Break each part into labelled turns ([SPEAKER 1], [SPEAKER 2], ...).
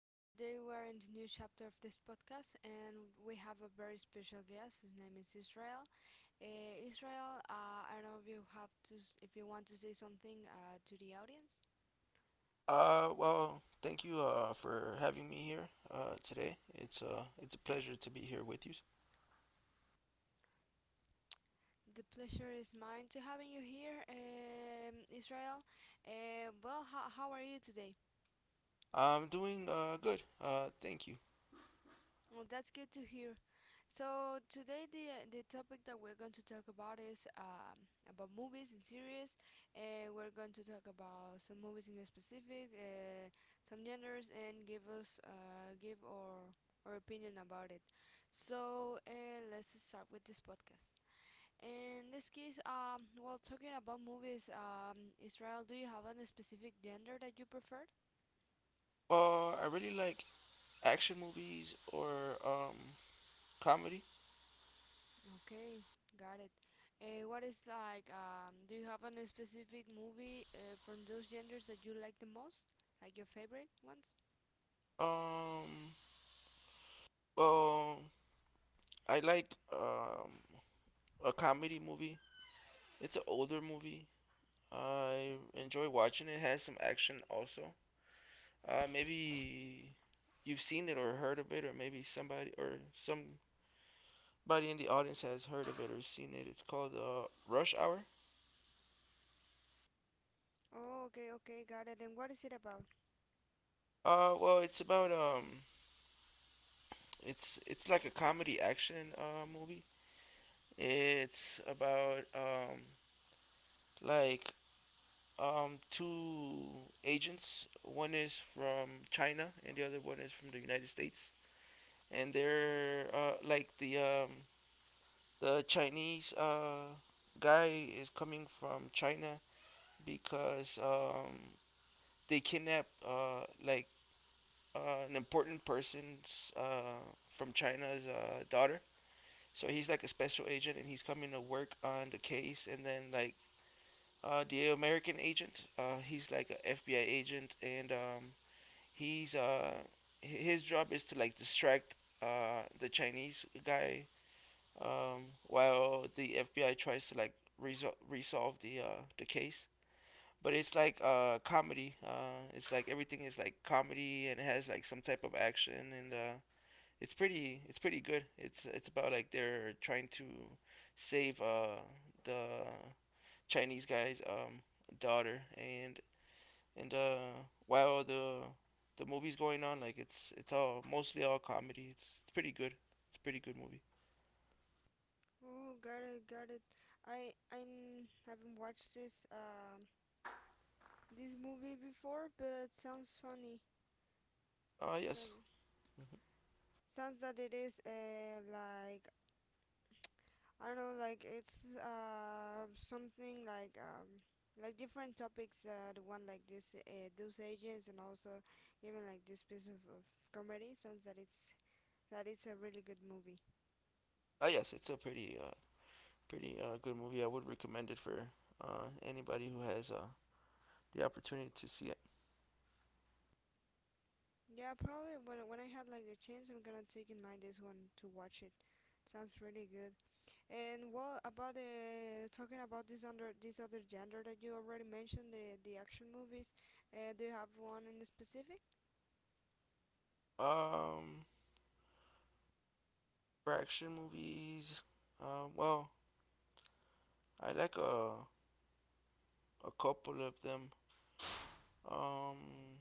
[SPEAKER 1] Today we're in the new chapter of this podcast, and we have a very special guest. His name is Israel. Israel, I don't know if you have to, if you want to say something to the audience.
[SPEAKER 2] Thank you for having me here today. It's a pleasure to be here with you.
[SPEAKER 1] The pleasure is mine to having you here, Israel. Well, how are you today?
[SPEAKER 2] I'm doing good. Thank you.
[SPEAKER 1] Well, that's good to hear. So today the topic that we're going to talk about is about movies and series, and we're going to talk about some movies in specific, some genders, and give our opinion about it. So let's start with this podcast. In this case, well, talking about movies, Israel, do you have a specific gender that you prefer?
[SPEAKER 2] Well, I really like action movies or um, comedy.
[SPEAKER 1] Okay, got it. What is like, do you have any specific movie from those genders that you like the most? Like your favorite ones?
[SPEAKER 2] Um, well, I like a comedy movie. It's an older movie. I enjoy watching it. It has some action also. Maybe you've seen it or heard of it, or maybe somebody or some Anybody in the audience has heard of it or seen it. It's called Rush Hour.
[SPEAKER 1] Oh, okay, okay, got it. And what is it about?
[SPEAKER 2] It's about it's like a comedy action movie. It's about like two agents. One is from China and the other one is from the United States. And they're like the Chinese guy is coming from China because they kidnapped an important person's from China's daughter. So he's like a special agent, and he's coming to work on the case. And then the American agent, he's like an FBI agent, and he's his job is to like distract the Chinese guy while the FBI tries to like resolve the case. But it's like comedy. It's like everything is like comedy and it has like some type of action and it's pretty good. It's about like they're trying to save the Chinese guy's daughter and while the movie's going on, like it's all mostly all comedy. It's pretty good. It's a pretty good movie.
[SPEAKER 1] Oh, got it, got it. I haven't watched this this movie before, but sounds funny.
[SPEAKER 2] Uh, yes.
[SPEAKER 1] Sound, Sounds that it is like I don't know, like it's something like different topics. The one like this, those agents, and also even like this piece of comedy sounds that it's a really good movie.
[SPEAKER 2] Uh, yes, it's a pretty good movie. I would recommend it for anybody who has the opportunity to see it.
[SPEAKER 1] Yeah, probably when I had like the chance, I'm gonna take in mind this one to watch it. Sounds really good. And well, about talking about this under this other genre that you already mentioned, the action movies. Do you have one in specific?
[SPEAKER 2] Um for action movies, um well, I like a couple of them. Um,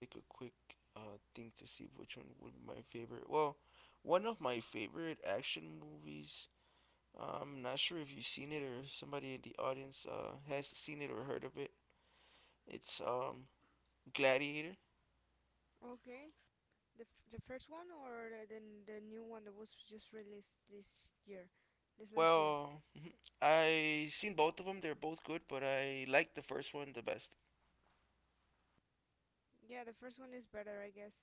[SPEAKER 2] take a quick thing to see which one would be my favorite. Well, one of my favorite action movies. Uh, I'm not sure if you've seen it or somebody in the audience has seen it or heard of it. It's Gladiator.
[SPEAKER 1] Okay. The first one or the new one that was just released this year, this last year?
[SPEAKER 2] Well, I seen both of them. They're both good, but I like the first one the best.
[SPEAKER 1] Yeah, the first one is better, I guess.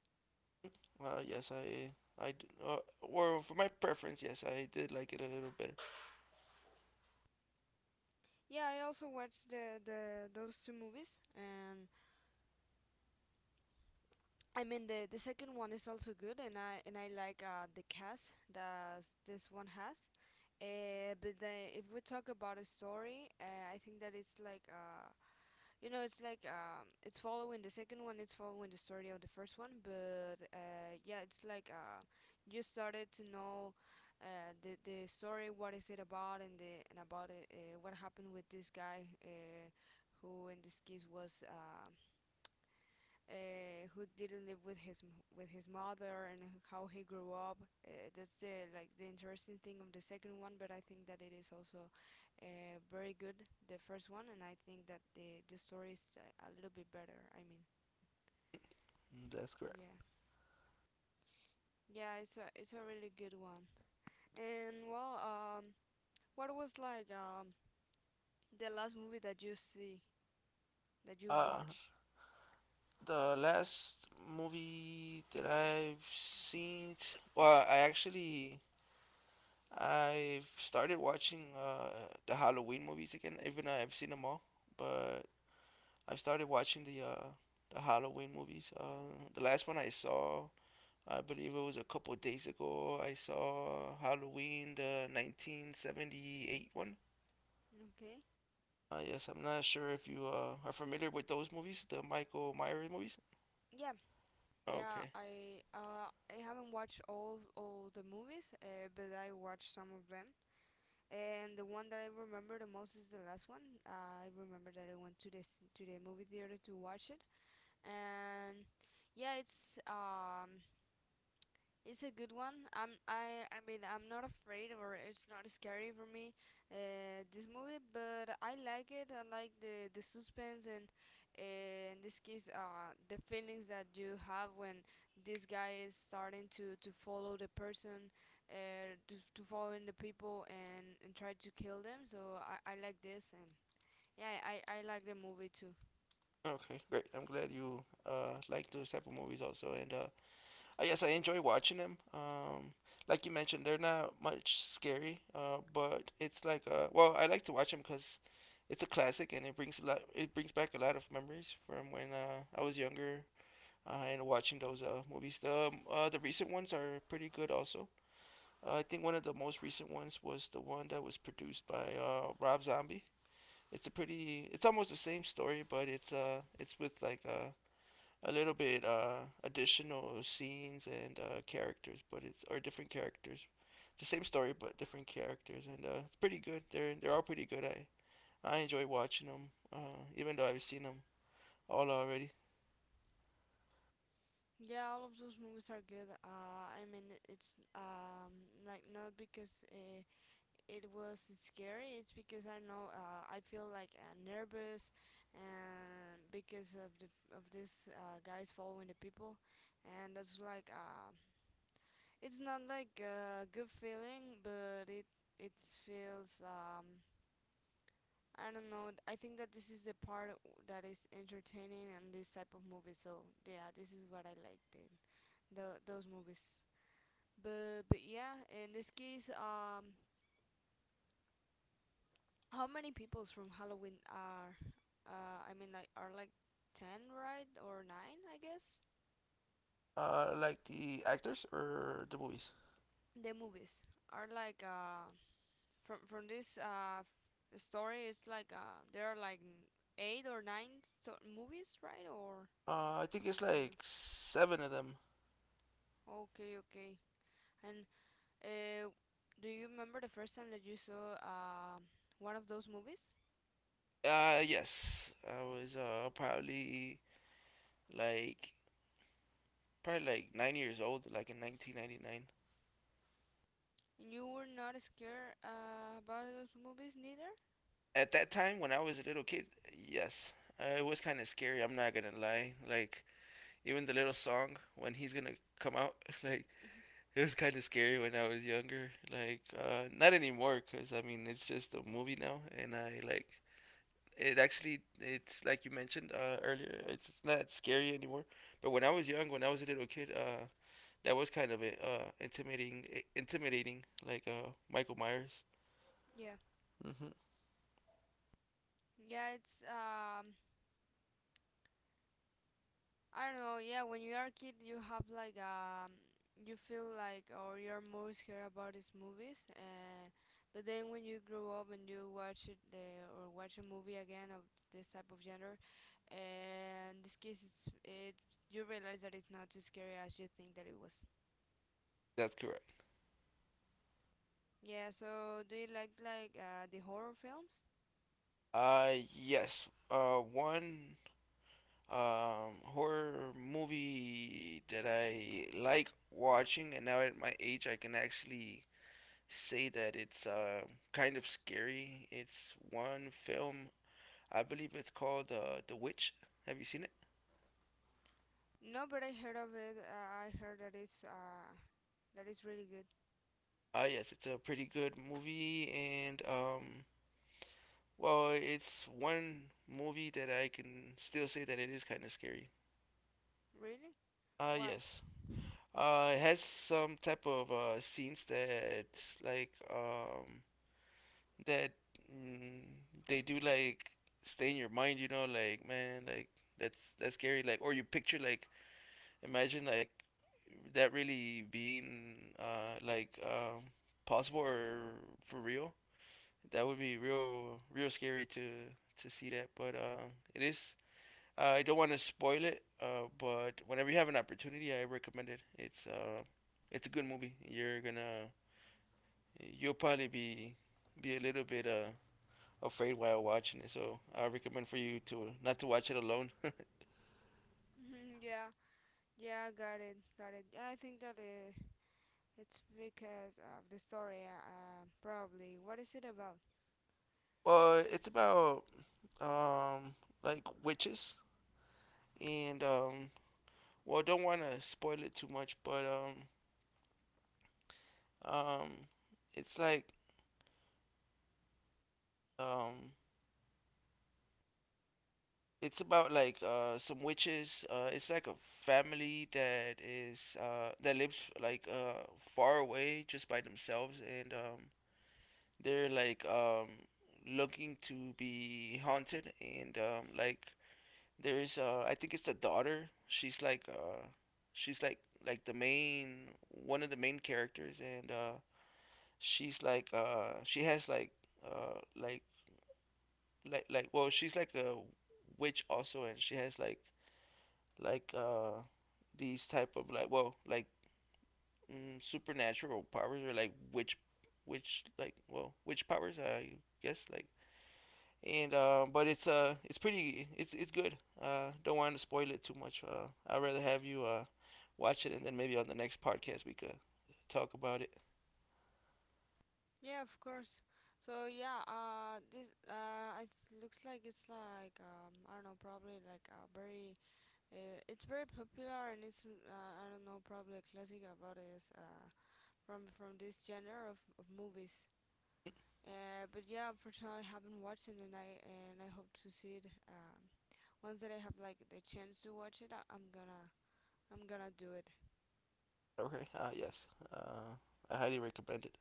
[SPEAKER 2] Uh, yes, I or for my preference, yes, I did like it a little better.
[SPEAKER 1] Yeah, I also watched the those two movies, and I mean the second one is also good, and I like the cast that this one has. If we talk about a story, I think that it's like a you know, it's like it's following the second one. It's following the story of the first one, but yeah, it's like you started to know the story, what is it about, and the and about it, what happened with this guy, who in this case was who didn't live with his with his mother and how he grew up. That's the like the interesting thing of the second one, but I think that it is also very good the first one, and I think that the story is a little bit better. I mean,
[SPEAKER 2] Mm, that's correct.
[SPEAKER 1] yeah, it's a really good one. And well, what was like the last movie that you see that you
[SPEAKER 2] Uh,
[SPEAKER 1] watch?
[SPEAKER 2] The last movie that I've seen, well, I actually I've started watching the Halloween movies again. Even though I've seen them all, but I've started watching the Halloween movies. The last one I saw, I believe it was a couple of days ago. I saw Halloween, the 1978 one.
[SPEAKER 1] Okay,
[SPEAKER 2] Yes, I'm not sure if you are familiar with those movies, the Michael Myers movies.
[SPEAKER 1] yeah, yeah,
[SPEAKER 2] Okay.
[SPEAKER 1] I haven't watched all the movies, but I watched some of them. And the one that I remember the most is the last one. I remember that I went to the movie theater to watch it, and yeah, it's a good one. I mean I'm not afraid or it's not scary for me this movie, but I like it. I like the suspense and in this case the feelings that you have when this guy is starting to follow the person, to following the people and try to kill them. So I like this and yeah I like the movie too.
[SPEAKER 2] Okay, great. I'm glad you like those type of movies also, and I guess I enjoy watching them. Like you mentioned, they're not much scary, but it's like I like to watch them because it's a classic and it brings a lot. It brings back a lot of memories from when I was younger and watching those movies. The recent ones are pretty good also. I think one of the most recent ones was the one that was produced by Rob Zombie. It's a pretty it's almost the same story but it's with like a little bit additional scenes and characters, but it's or different characters, the same story but different characters, and it's pretty good. They're all pretty good. I enjoy watching them, even though I've seen them all already.
[SPEAKER 1] Yeah, all of those movies are good. I mean, it's like not because it was scary it's because I know I feel like nervous and because of the of this guys following the people and that's like it's not like a good feeling but it feels I don't know. I think that this is the part that is entertaining and this type of movie, so yeah, this is what I liked in the those movies, but yeah in this case how many peoples from Halloween are, I mean, like, are like 10, right? Or 9, I guess?
[SPEAKER 2] Like the actors or the movies?
[SPEAKER 1] The movies are like, from this, story, it's like, there are like 8 or 9 so movies, right?
[SPEAKER 2] I think it's
[SPEAKER 1] Or
[SPEAKER 2] like
[SPEAKER 1] not?
[SPEAKER 2] seven of them.
[SPEAKER 1] Okay, okay. And, uh, do you remember the first time that you saw, one of those movies?
[SPEAKER 2] Yes, I was probably like 9 years old, like in 1999.
[SPEAKER 1] And you were not scared, about those movies neither?
[SPEAKER 2] At that time when I was a little kid, yes, it was kind of scary. I'm not gonna lie. Like even the little song when he's gonna come out, like it was kind of scary when I was younger. Like not anymore, cause I mean it's just a movie now, and I like it actually. It's like you mentioned earlier. It's not scary anymore. But when I was young, when I was a little kid, that was kind of intimidating. Intimidating, like Michael Myers.
[SPEAKER 1] Yeah.
[SPEAKER 2] Hmm.
[SPEAKER 1] Yeah, it's, I don't know. Yeah, when you are a kid, you have like you feel like or you're more scared about these movies, and but then when you grow up and you watch or watch a movie again of this type of genre, and this case it's it you realize that it's not as scary as you think that it was.
[SPEAKER 2] That's correct.
[SPEAKER 1] Yeah. So do you like the horror films?
[SPEAKER 2] Yes. One horror movie that I like watching, and now at my age, I can actually say that it's kind of scary. It's one film, I believe it's called The Witch. Have you seen it?
[SPEAKER 1] No, but I heard of it. I heard that it's really good.
[SPEAKER 2] Yes, it's a pretty good movie, and well, it's one movie that I can still say that it is kind of scary.
[SPEAKER 1] Really? Why?
[SPEAKER 2] Yes. It has some type of scenes that like um, that mm, they do like stay in your mind. You know, like man, like that's scary. Like or you picture like imagine like that really being possible or for real. That would be real real scary to see that. But it is I don't want to spoil it, but whenever you have an opportunity, I recommend it. It's a good movie. You'll probably be a little bit afraid while watching it. So I recommend for you to not to watch it alone.
[SPEAKER 1] yeah. Yeah, got it, got it. I think that it's because of the story, probably. What is it about?
[SPEAKER 2] Well, it's about um, like witches and well, don't want to spoil it too much, but um, it's like um, it's about like some witches. It's like a family that is that lives like far away just by themselves, and they're like looking to be haunted, and there's I think it's the daughter. She's like the main one of the main characters, and she's like she has like uh like she's like a witch also, and she has like like uh these type of supernatural powers, or witch powers I guess, like. And but it's pretty it's good. Don't want to spoil it too much. I'd rather have you watch it, and then maybe on the next podcast we could talk about it.
[SPEAKER 1] Yeah, of course. So yeah, this it looks like it's like I don't know, probably like a very, it's very popular and it's I don't know, probably a classic about this from this genre of movies. But yeah, unfortunately, I haven't watched it, and I hope to see it. Once that I have like the chance to watch it, I'm gonna do it.
[SPEAKER 2] Okay. Yes uh I highly recommend it.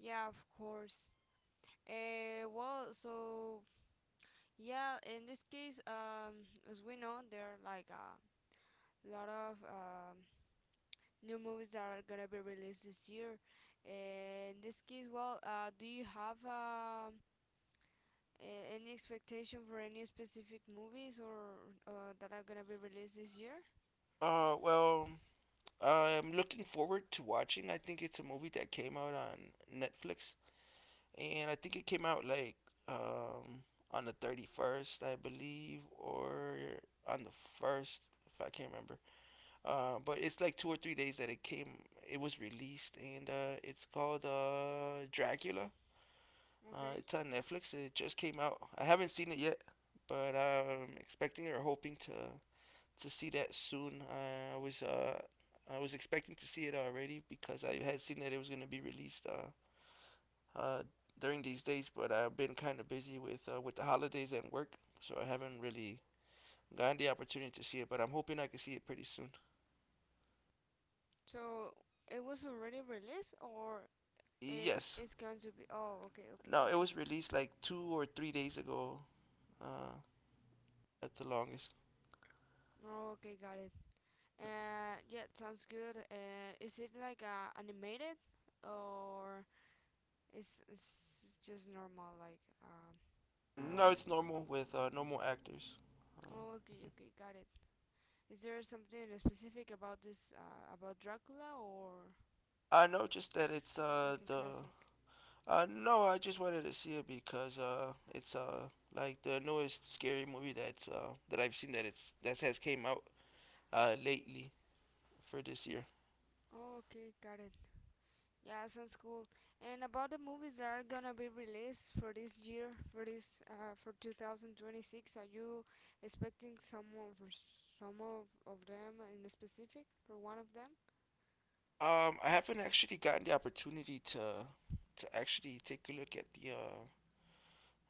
[SPEAKER 1] Yeah, of course. Well, so yeah, in this case, as we know, there are like a lot of new movies that are gonna be released this year. Uh, in this case, well, do you have any expectation for any specific movies or that are gonna be released this year?
[SPEAKER 2] uh well I'm looking forward to watching, I think it's a movie that came out on Netflix, and I think it came out like um, on the 31st, I believe, or on the first, if I can't remember. But it's like 2 or 3 days that it came, it was released, and it's called Dracula.
[SPEAKER 1] Okay.
[SPEAKER 2] It's on Netflix. It just came out. I haven't seen it yet, but I'm expecting or hoping to see that soon. I was uh, I was expecting to see it already because I had seen that it was gonna be released uh, during these days, but I've been kind of busy with the holidays and work, so I haven't really gotten the opportunity to see it. But I'm hoping I can see it pretty soon.
[SPEAKER 1] So it was already released, or it
[SPEAKER 2] Yes.
[SPEAKER 1] is going to be? Oh, okay, okay,
[SPEAKER 2] No, it
[SPEAKER 1] okay.
[SPEAKER 2] was released like 2 or 3 days ago, uh, at the longest.
[SPEAKER 1] Oh, okay, got it. Yeah, sounds good. Is it like animated or is just normal like
[SPEAKER 2] No, it's
[SPEAKER 1] movie?
[SPEAKER 2] normal with normal actors. Uh,
[SPEAKER 1] Oh, okay,
[SPEAKER 2] mhm.
[SPEAKER 1] okay, got it. Is there something specific about this about Dracula or
[SPEAKER 2] I know just that it's
[SPEAKER 1] like a
[SPEAKER 2] the
[SPEAKER 1] classic?
[SPEAKER 2] no, I just wanted to see it because it's like the newest scary movie that I've seen that it's that has came out lately for this year.
[SPEAKER 1] Oh, okay, got it. Yeah, sounds cool. And about the movies that are gonna be released for this year, for this for 2026, are you expecting someone for some of them in specific for one of them?
[SPEAKER 2] I haven't actually gotten the opportunity to actually take a look at the uh,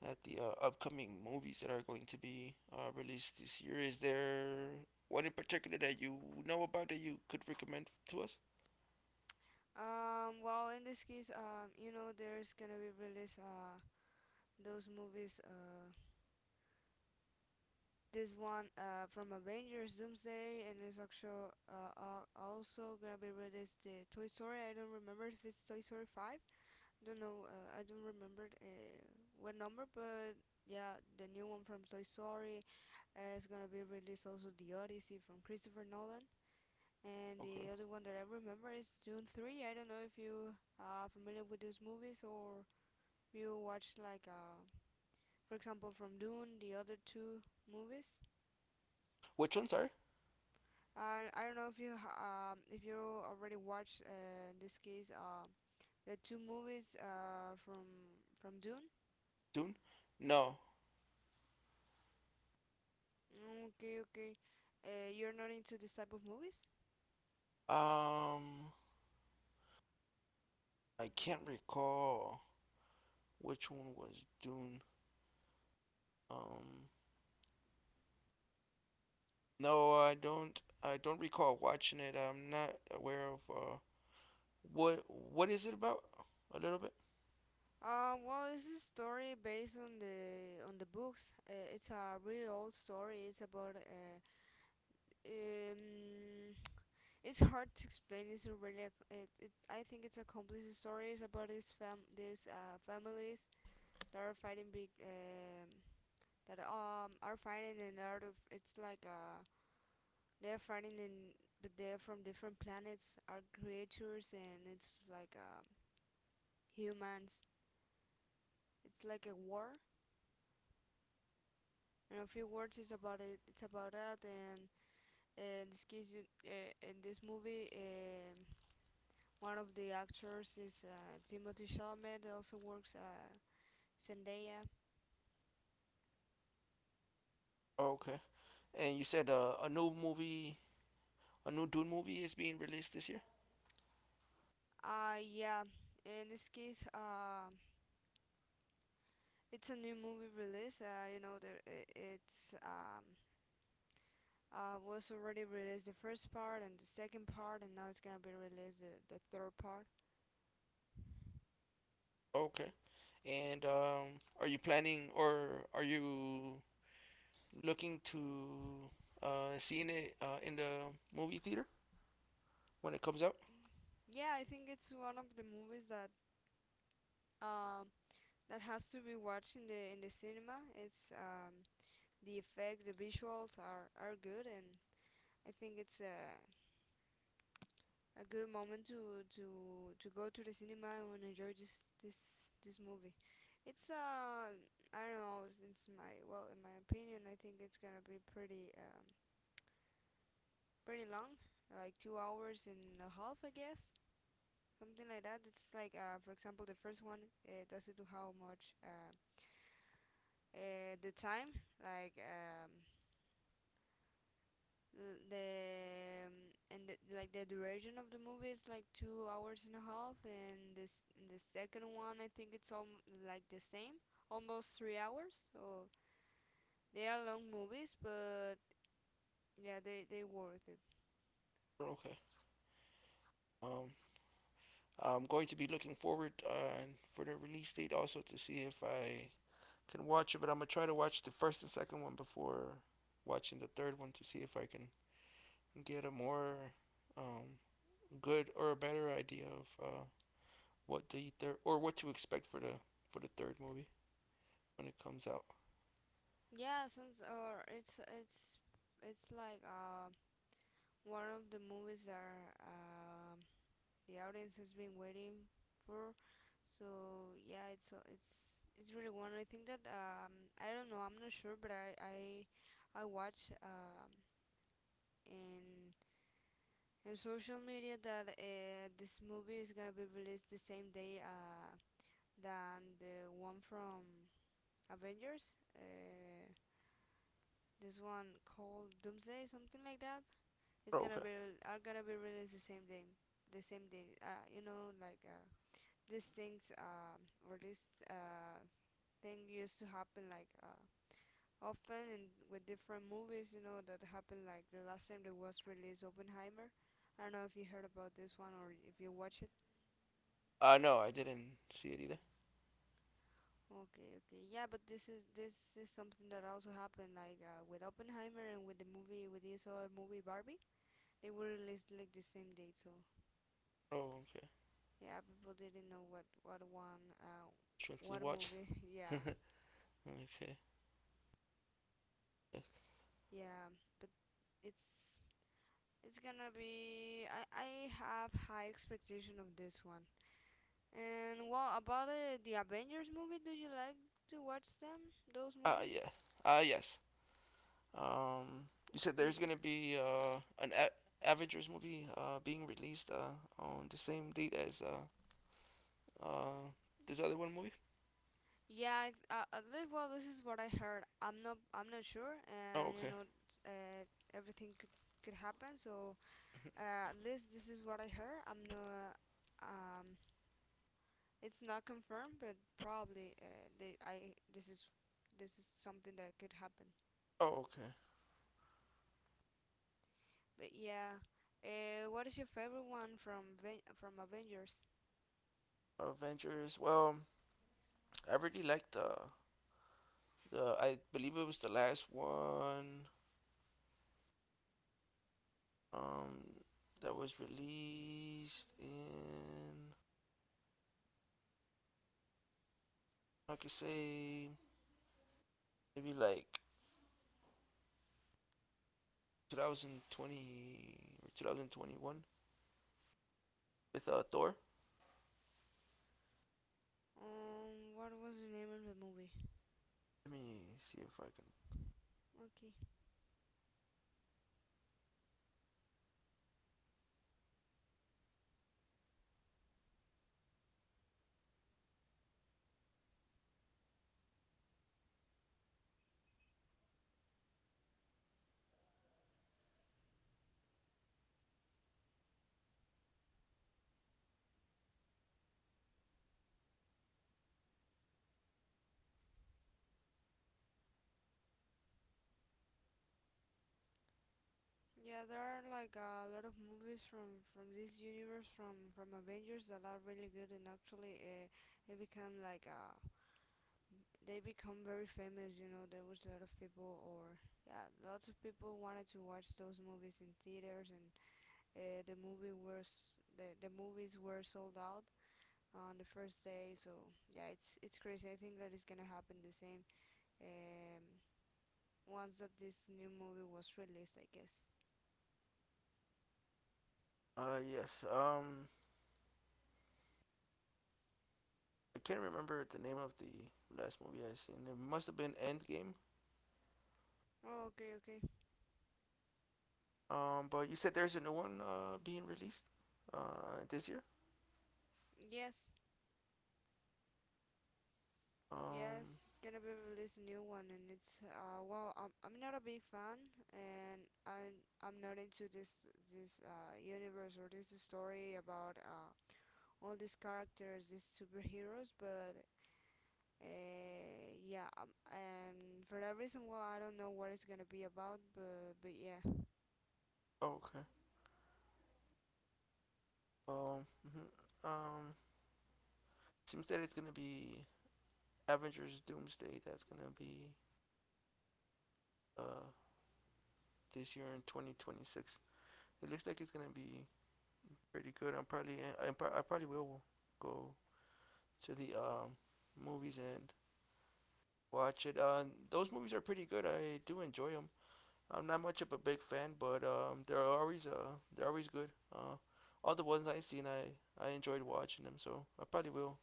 [SPEAKER 2] at the uh, upcoming movies that are going to be released this year. Is there one in particular that you know about that you could recommend to us?
[SPEAKER 1] Well, in this case, you know, there's gonna be released those movies. This one from Avengers Doomsday, and it's actually also gonna be released the Toy Story. I don't remember if it's Toy Story five. I don't know. I don't remember what number, but yeah, the new one from Toy Story is gonna be released. Also, The Odyssey from Christopher Nolan. And
[SPEAKER 2] Okay.
[SPEAKER 1] the other one that I remember is Dune 3. I don't know if you are familiar with those movies or you watched like for example from Dune, the other two movies.
[SPEAKER 2] Which ones are?
[SPEAKER 1] And I don't know if you if you already watched in this case the two movies from Dune.
[SPEAKER 2] Dune? No.
[SPEAKER 1] Mm, okay, okay. You're not into this type of movies?
[SPEAKER 2] Um, I can't recall which one was Dune. Um, no, I don't. I don't recall watching it. I'm not aware of what is it about a little bit.
[SPEAKER 1] Well, it's a story based on the books. It's a really old story. It's about um, it's hard to explain. It's a really, I think it's a complex story. It's about these families that are fighting big, that are fighting and out of. It's like they're fighting in, but they're from different planets, are creatures, and it's like humans. It's like a war. And a few words is about it. It's about that, and in this case, in this movie, one of the actors is Timothy Chalamet. He also works. Zendaya.
[SPEAKER 2] Okay. And you said a new Dune movie is being released this year.
[SPEAKER 1] Yeah. In this case, it's a new movie release. You know, it's was already released the first part and the second part, and now it's gonna be released the third part.
[SPEAKER 2] Okay. And are you planning, or are you looking to seeing it in the movie theater when it comes out?
[SPEAKER 1] Yeah, I think it's one of the movies that um that has to be watched in the cinema. It's the effects, the visuals are good, and I think it's a good moment to go to the cinema and enjoy this movie. It's I don't know. It's my well in my opinion I think it's gonna be pretty pretty long, like 2 hours and a half I guess something like that. It's like for example, the first one, it doesn't do how much the time, like um l- the um, like the duration of the movie is like 2 hours and a half. And this and the second one, I think it's all like the same, almost 3 hours. So they are long movies, but yeah, they worth it.
[SPEAKER 2] Okay. Um, I'm going to be looking forward for the release date also, to see if I can watch it, but I'm gonna try to watch the first and second one before watching the third one, to see if I can get a more um, good or a better idea of what the third, or what to expect for the third movie when it comes out.
[SPEAKER 1] Yeah, since or it's like one of the movies that the audience has been waiting for. So yeah, it's a- it's it's really one. I think that I don't know. I'm not sure, but I watch in in social media that this movie is gonna be released the same day than the one from Avengers. This one called Doomsday, something like that. It's
[SPEAKER 2] Oh,
[SPEAKER 1] gonna
[SPEAKER 2] okay.
[SPEAKER 1] be Are gonna be released the same day, the same day. You know, like these things or this thing used to happen like. Often in with different movies, you know. That happened like the last time there was released Oppenheimer. I don't know if you heard about this one or if you watch it.
[SPEAKER 2] No, I didn't see it either.
[SPEAKER 1] Okay, okay. Yeah, but this is something that also happened like with Oppenheimer and with the movie, with this other movie Barbie. They were released like the same date, so
[SPEAKER 2] Oh, okay.
[SPEAKER 1] yeah, people didn't know what one
[SPEAKER 2] Trent's
[SPEAKER 1] what
[SPEAKER 2] watch.
[SPEAKER 1] movie. Yeah,
[SPEAKER 2] Okay. Yes.
[SPEAKER 1] yeah, but it's it's gonna be. I have high expectation of this one. And what about the Avengers movie? Do you like to watch them? Those movies?
[SPEAKER 2] Yeah. Yes. Um, you said
[SPEAKER 1] The
[SPEAKER 2] there's gonna be an Avengers movie being released on the same date as uh this other one movie.
[SPEAKER 1] Yeah, I at least, well, this is what I heard. I'm not sure, and you
[SPEAKER 2] Okay.
[SPEAKER 1] know, uh, everything could happen. So at least this is what I heard. I'm not um, it's not confirmed, but probably they I this is something that could happen.
[SPEAKER 2] Oh, okay.
[SPEAKER 1] But yeah, what is your favorite one from from Avengers?
[SPEAKER 2] Avengers. Well, I really liked the I believe it was the last one um, that was released in, I could say, maybe like 2020 or 2021 with Thor.
[SPEAKER 1] What was the name of the movie?
[SPEAKER 2] Let me see if I can.
[SPEAKER 1] Okay. Yeah, there are like a lot of movies from this universe from Avengers that are really good. And actually they become like uh they become very famous. You know, there was a lot of people, or yeah, lots of people wanted to watch those movies in theaters. And the movies were sold out on the first day. So yeah, it's crazy. I think that is gonna happen the same. Um, once that this new movie was released, I guess.
[SPEAKER 2] Yes. I can't remember the name of the last movie I seen. It must have been Endgame.
[SPEAKER 1] Oh, okay, okay.
[SPEAKER 2] But you said there's a new one being released this year.
[SPEAKER 1] Yes,
[SPEAKER 2] Um.
[SPEAKER 1] yes, it's gonna be released a new one. And it's well, I'm not a big fan, and I'm not into this universe or this story about all these characters, these superheroes, but yeah, and for that reason, well, I don't know what it's gonna be about, but yeah,
[SPEAKER 2] Oh, okay. Um. mhm. Um. Seems that it's gonna be Avengers Doomsday. That's gonna be uh this year in 2026. It looks like it's gonna be pretty good. I probably will go to the movies and watch it. Those movies are pretty good. I do enjoy them. I'm not much of a big fan, but they're always good. All the ones I have seen, I enjoyed watching them. So I probably will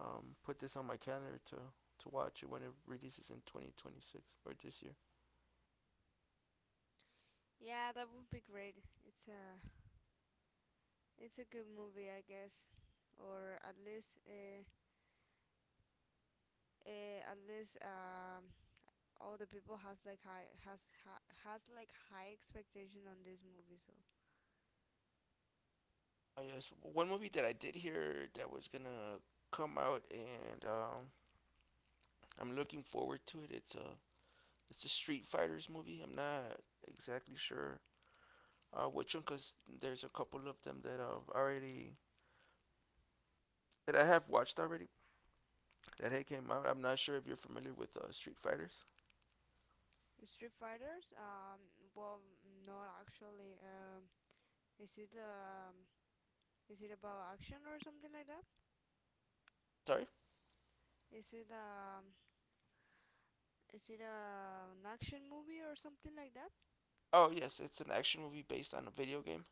[SPEAKER 2] put this on my calendar to watch it when it releases in 2026 or this year.
[SPEAKER 1] yeah, that would be great. It's uh It's a good movie, I guess, or at least all the people has like high expectation on this movie. So
[SPEAKER 2] Yes, one movie that I did hear that was gonna come out and I'm looking forward to it. It's a Street Fighters movie. I'm not exactly sure which one because there's a couple of them that I've already that I have watched already that had came out. I'm not sure if you're familiar with Street Fighters.
[SPEAKER 1] Street Fighters, well, not actually. Is it um, is it about action or something like that?
[SPEAKER 2] Sorry.
[SPEAKER 1] Is it an action movie or something like that?
[SPEAKER 2] Oh yes, it's an action movie based on a video game.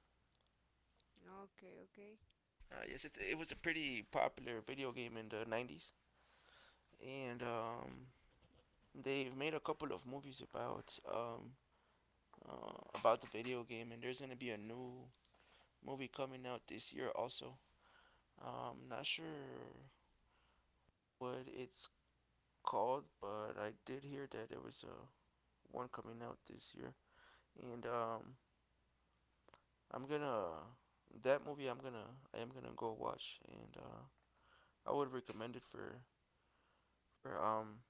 [SPEAKER 1] Okay, okay,
[SPEAKER 2] Yes, it was a pretty popular video game in the 90s, and they've made a couple of movies about the video game, and there's gonna be a new movie coming out this year also. I'm not sure what it's called, but I did hear that there was a one coming out this year, and I'm gonna that movie. I am gonna go watch, and I would recommend it for for um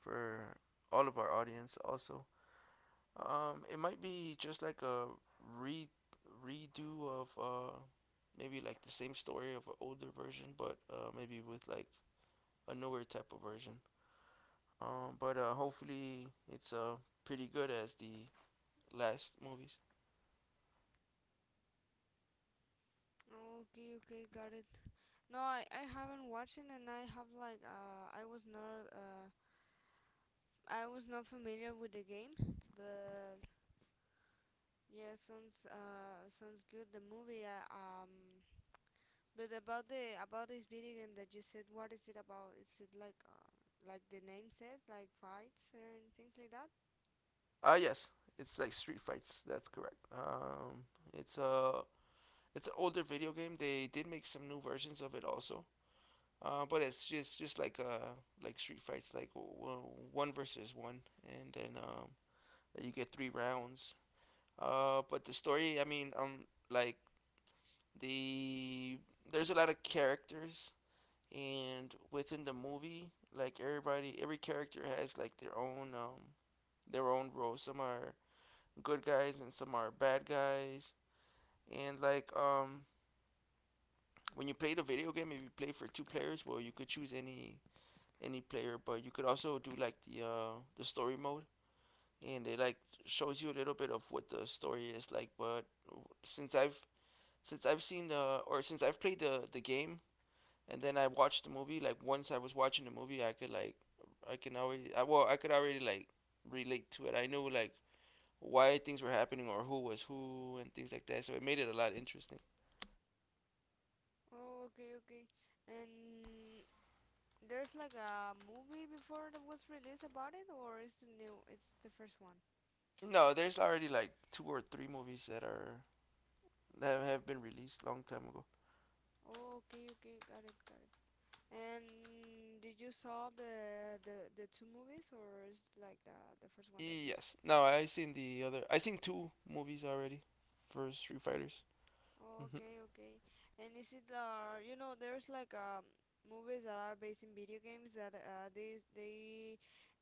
[SPEAKER 2] for all of our audience. Also, it might be just like a re redo of maybe like the same story of an older version, but maybe with like a newer type of version. But hopefully it's pretty good as the last movies.
[SPEAKER 1] okay, okay, got it. No, I haven't watched it, and I have like I was not familiar with the game, but yeah, sounds sounds good. The movie, but about this video game that you said, what is it about? Is it like the name says, like fights and things like that?
[SPEAKER 2] Yes, it's like Street Fights. That's correct. It's a it's an older video game. They did make some new versions of it also. But it's just like Street Fights, like one versus one, and then you get three rounds. But the story, I mean, like the there's a lot of characters and within the movie, like everybody, every character has like their own role. Some are good guys and some are bad guys, and when you play the video game, if you play for two players, well, you could choose any player, but you could also do like the story mode, and it like shows you a little bit of what the story is like. But since i've since I've seen the, or since I've played the game, and then I watched the movie. Like once I was watching the movie, I could already like relate to it. I knew like why things were happening or who was who and things like that. So it made it a lot interesting.
[SPEAKER 1] Oh, okay, okay. And there's like a movie before that was released about it, or is it new? It's the first one.
[SPEAKER 2] No, there's already like two or three movies that are that have been released long time ago.
[SPEAKER 1] Oh, okay, okay, got it, got it. And did you saw the two movies, or is it like the first one that you just?
[SPEAKER 2] Yes. No, I seen the other. I seen two movies already for Street Fighters.
[SPEAKER 1] Oh,
[SPEAKER 2] Mm-hmm.
[SPEAKER 1] okay, okay. And is it you know, there's like movies that are based in video games that they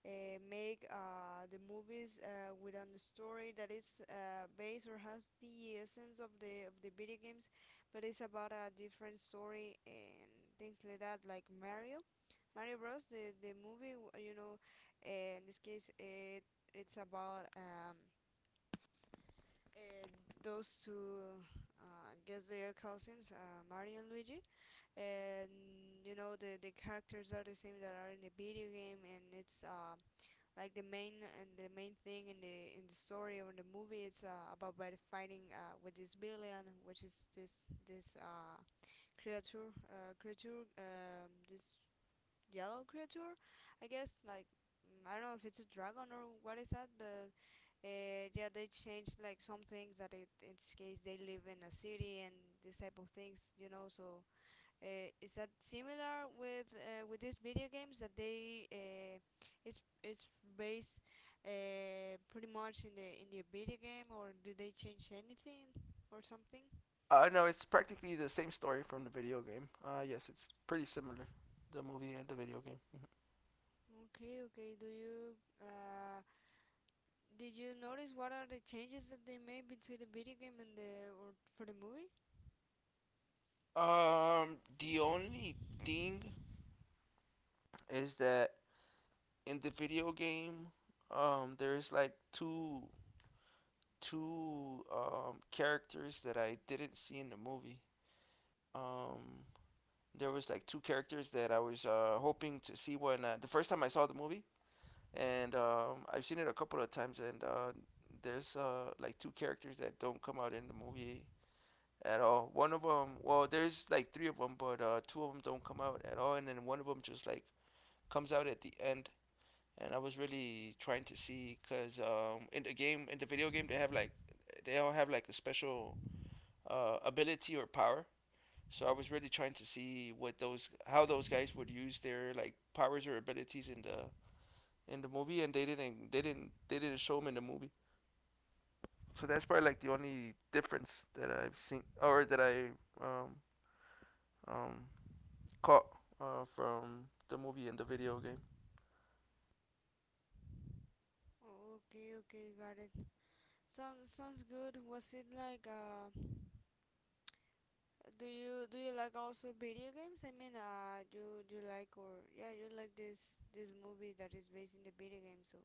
[SPEAKER 1] make the movies with on the story that is based or has the essence of the video games, but it's about a different story and things like that, like Mario Bros. The movie, you know, in this case, it's about uh, those two. I guess they are cousins, Mario and Luigi. And you know, the characters are the same that are in the video game. And it's like the main thing in the story or in the movie. It's about by fighting with this villain, which is this this creature, this yellow creature, I guess. Like mm, I don't know if it's a dragon or what is that, but yeah, they changed like some things that it, in this case they live in a city and this type of things, you know. So is that similar with these video games that they it's based pretty much in the video game? Or do they change anything or something?
[SPEAKER 2] No, it's practically the same story from the video game. Yes, it's pretty similar, the movie and the video game.
[SPEAKER 1] Okay, okay. Do you uh, did you notice what are the changes that they made between the video game and the or for the movie?
[SPEAKER 2] The only thing is that in the video game, there's like two characters that I didn't see in the movie. Um, there was like two characters that I was hoping to see when the first time I saw the movie, and I've seen it a couple of times, and there's like two characters that don't come out in the movie at all. One of them, well, there's like three of them, but two of them don't come out at all, and then one of them just like comes out at the end, and I was really trying to see because in the game, in the video game, they have like they all have like a special ability or power. So I was really trying to see what those how those guys would use their like powers or abilities in the movie, and they didn't show them in the movie. So that's probably like the only difference that I've seen or that I um, um, caught from the movie and the video game.
[SPEAKER 1] Oh, okay, okay, got it. Sounds sounds good. Was it like do you like also video games? I mean, do you like, or yeah, you like this movie that is based in the video game? So,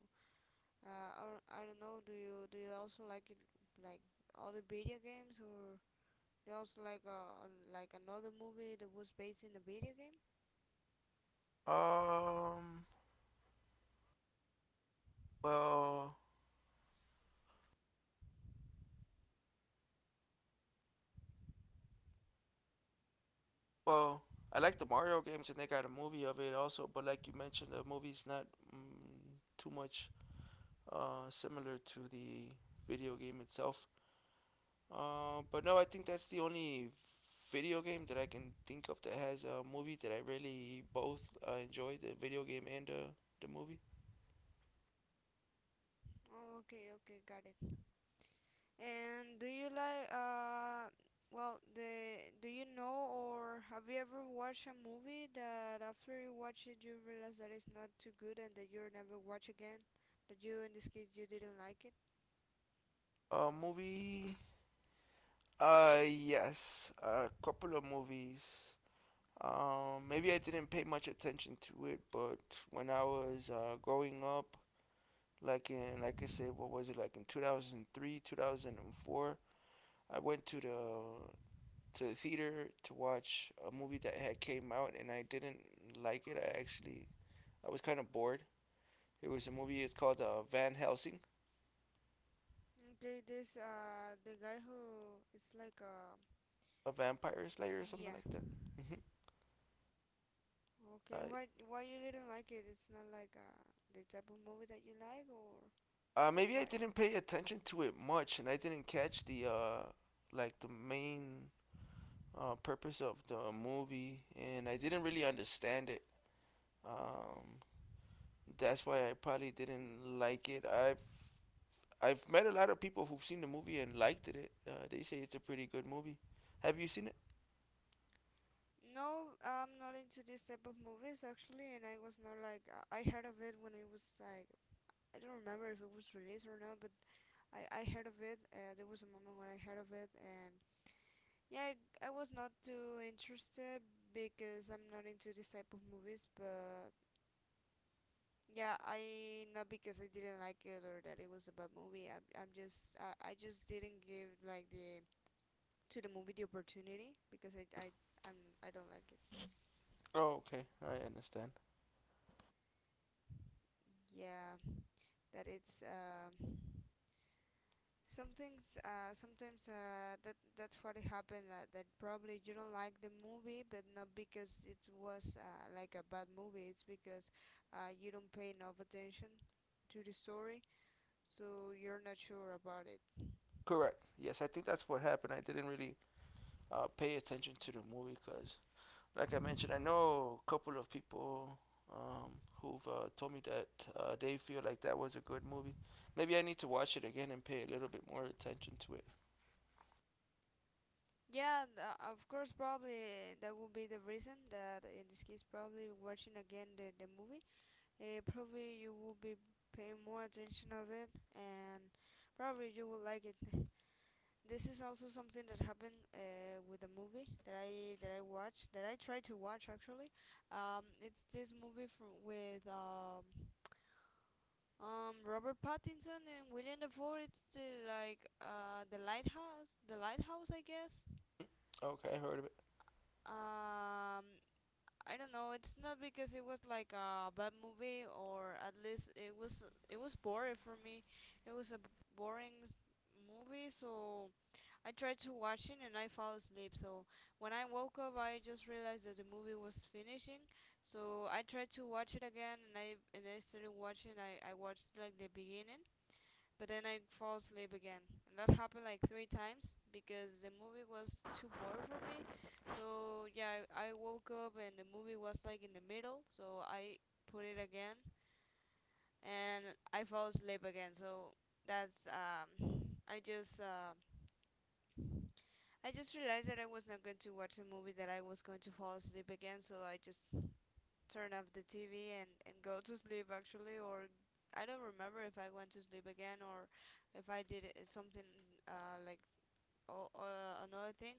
[SPEAKER 1] or I don't know. Do you also like it like all the video games, or do you also like another movie that was based in a video game?
[SPEAKER 2] Um, well, Well, I like the Mario games, and they got a movie of it also. But like you mentioned, the movie's not too much similar to the video game itself. But no, I think that's the only video game that I can think of that has a movie that I really both enjoy the video game and the movie.
[SPEAKER 1] Oh, okay, okay, got it. And do you like well the do you know or have you ever watched a movie that after you watch it you realize that it's not too good and that you'll never watch again? That you in this case you didn't like it?
[SPEAKER 2] Uh, movie. Yes, a couple of movies. Maybe I didn't pay much attention to it, but when I was growing up, like I said, what was it like in 2003, 2004? I went to the theater to watch a movie that had came out, and I didn't like it. I actually I was kind of bored. It was a movie. It's called Van Helsing,
[SPEAKER 1] Okay, this the guy who it's like
[SPEAKER 2] a vampire slayer or something like
[SPEAKER 1] yeah.
[SPEAKER 2] that. hmm
[SPEAKER 1] Okay,
[SPEAKER 2] Uh,
[SPEAKER 1] why you didn't like it? It's not like the type of movie that you like, or
[SPEAKER 2] maybe I
[SPEAKER 1] why?
[SPEAKER 2] didn't pay attention to it much, and I didn't catch the like the main purpose of the movie, and I didn't really understand it. Um, That's why I probably didn't like it. I've met a lot of people who've seen the movie and liked it. They say it's a pretty good movie. Have you seen it?
[SPEAKER 1] No, I'm not into this type of movies actually. And I was not like I heard of it when it was like, I don't remember if it was released or not, but I heard of it. There was a moment when I heard of it, and yeah, I was not too interested because I'm not into this type of movies. But yeah, I not because I didn't like it or that it was a bad movie. I just didn't give like the to the movie the opportunity because I'm, I don't like it.
[SPEAKER 2] Oh, okay. I understand.
[SPEAKER 1] Yeah, that it's. Some things sometimes that that's what happened, that probably you don't like the movie, but not because it was like a bad movie, it's because you don't pay enough attention to the story, so you're not sure about it.
[SPEAKER 2] Correct. Yes, I think that's what happened. I didn't really pay attention to the movie because, like I mentioned, I know a couple of people who've told me that they feel like that was a good movie. Maybe I need to watch it again and pay a little bit more attention to it.
[SPEAKER 1] Yeah, of course probably that would be the reason, that in this case probably watching again the movie, probably you will be paying more attention of it, and probably you will like it. This is also something that happened with a movie that I watched, that I tried to watch actually. It's this movie from with Robert Pattinson and William Dafoe. It's the, like the Lighthouse, I guess.
[SPEAKER 2] Okay, I heard of it.
[SPEAKER 1] Um, I don't know. It's not because it was like a bad movie, or at least it was, it was boring for me. It was a boring s- movie. So I tried to watch it and I fell asleep. So when I woke up, I just realized that the movie was finishing. So I tried to watch it again, and I started watching. I watched like the beginning, but then I fall asleep again. And that happened like 3 times because the movie was too boring for me. So yeah, I woke up and the movie was like in the middle. So I put it again, and I fall asleep again. So that's I just uh, I just realized that I was not going to watch a movie that I was going to fall asleep again. So I just turn off the TV, and go to sleep actually. Or I don't remember if I went to sleep again, or if I did something uh, like another thing.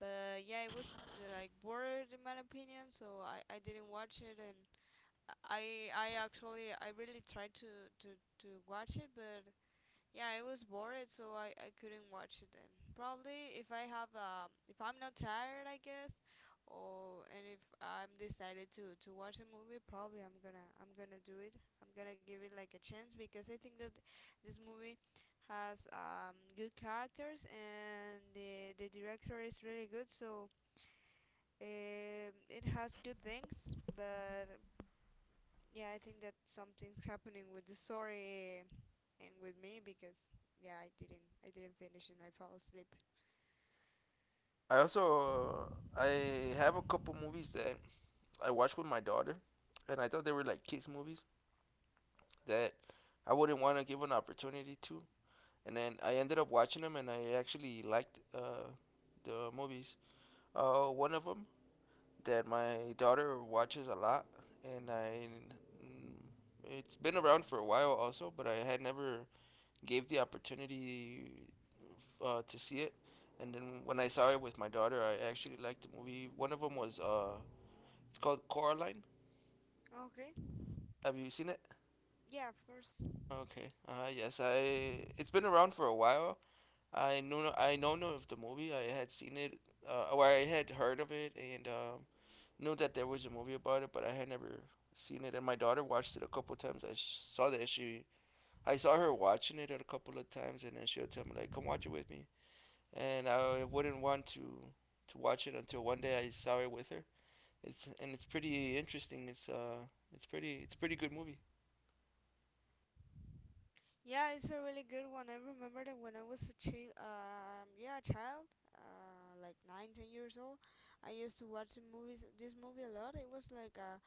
[SPEAKER 1] But yeah, it was like bored in my opinion, so I didn't watch it, and I really tried to, to watch it, but yeah, I was bored, so I couldn't watch it then. Probably if I have if I'm not tired, I guess, or and if I'm decided to watch a movie, probably I'm gonna do it. I'm gonna give it like a chance because I think that this movie has good characters, and the director is really good. So it has good things, but yeah, I think that something's happening with the story and with me because yeah, I didn't finish and I fell asleep.
[SPEAKER 2] I also I have a couple movies that I watched with my daughter, and I thought they were like kids movies that I wouldn't want to give an opportunity to. And then I ended up watching them, and I actually liked the movies. One of them that my daughter watches a lot, and I it's been around for a while also, but I had never gave the opportunity to see it. And then when I saw it with my daughter, I actually liked the movie. One of them was it's called Coraline.
[SPEAKER 1] Okay.
[SPEAKER 2] Have you seen it?
[SPEAKER 1] Yeah, of course.
[SPEAKER 2] Okay. Yes, I. it's been around for a while. I know no of the movie. I had seen it, or I had heard of it, and knew that there was a movie about it, but I had never seen it. And my daughter watched it a couple times. I sh- saw that she. I saw her watching it a couple of times, and then she'll tell me like, "Come watch it with me," and I wouldn't want to watch it until one day I saw it with her. It's pretty interesting. It's a pretty good movie.
[SPEAKER 1] Yeah, it's a really good one. I remember that when I was a child, yeah, a child, like nine, 10 years old, I used to watch the movies, this movie a lot. It was like uh,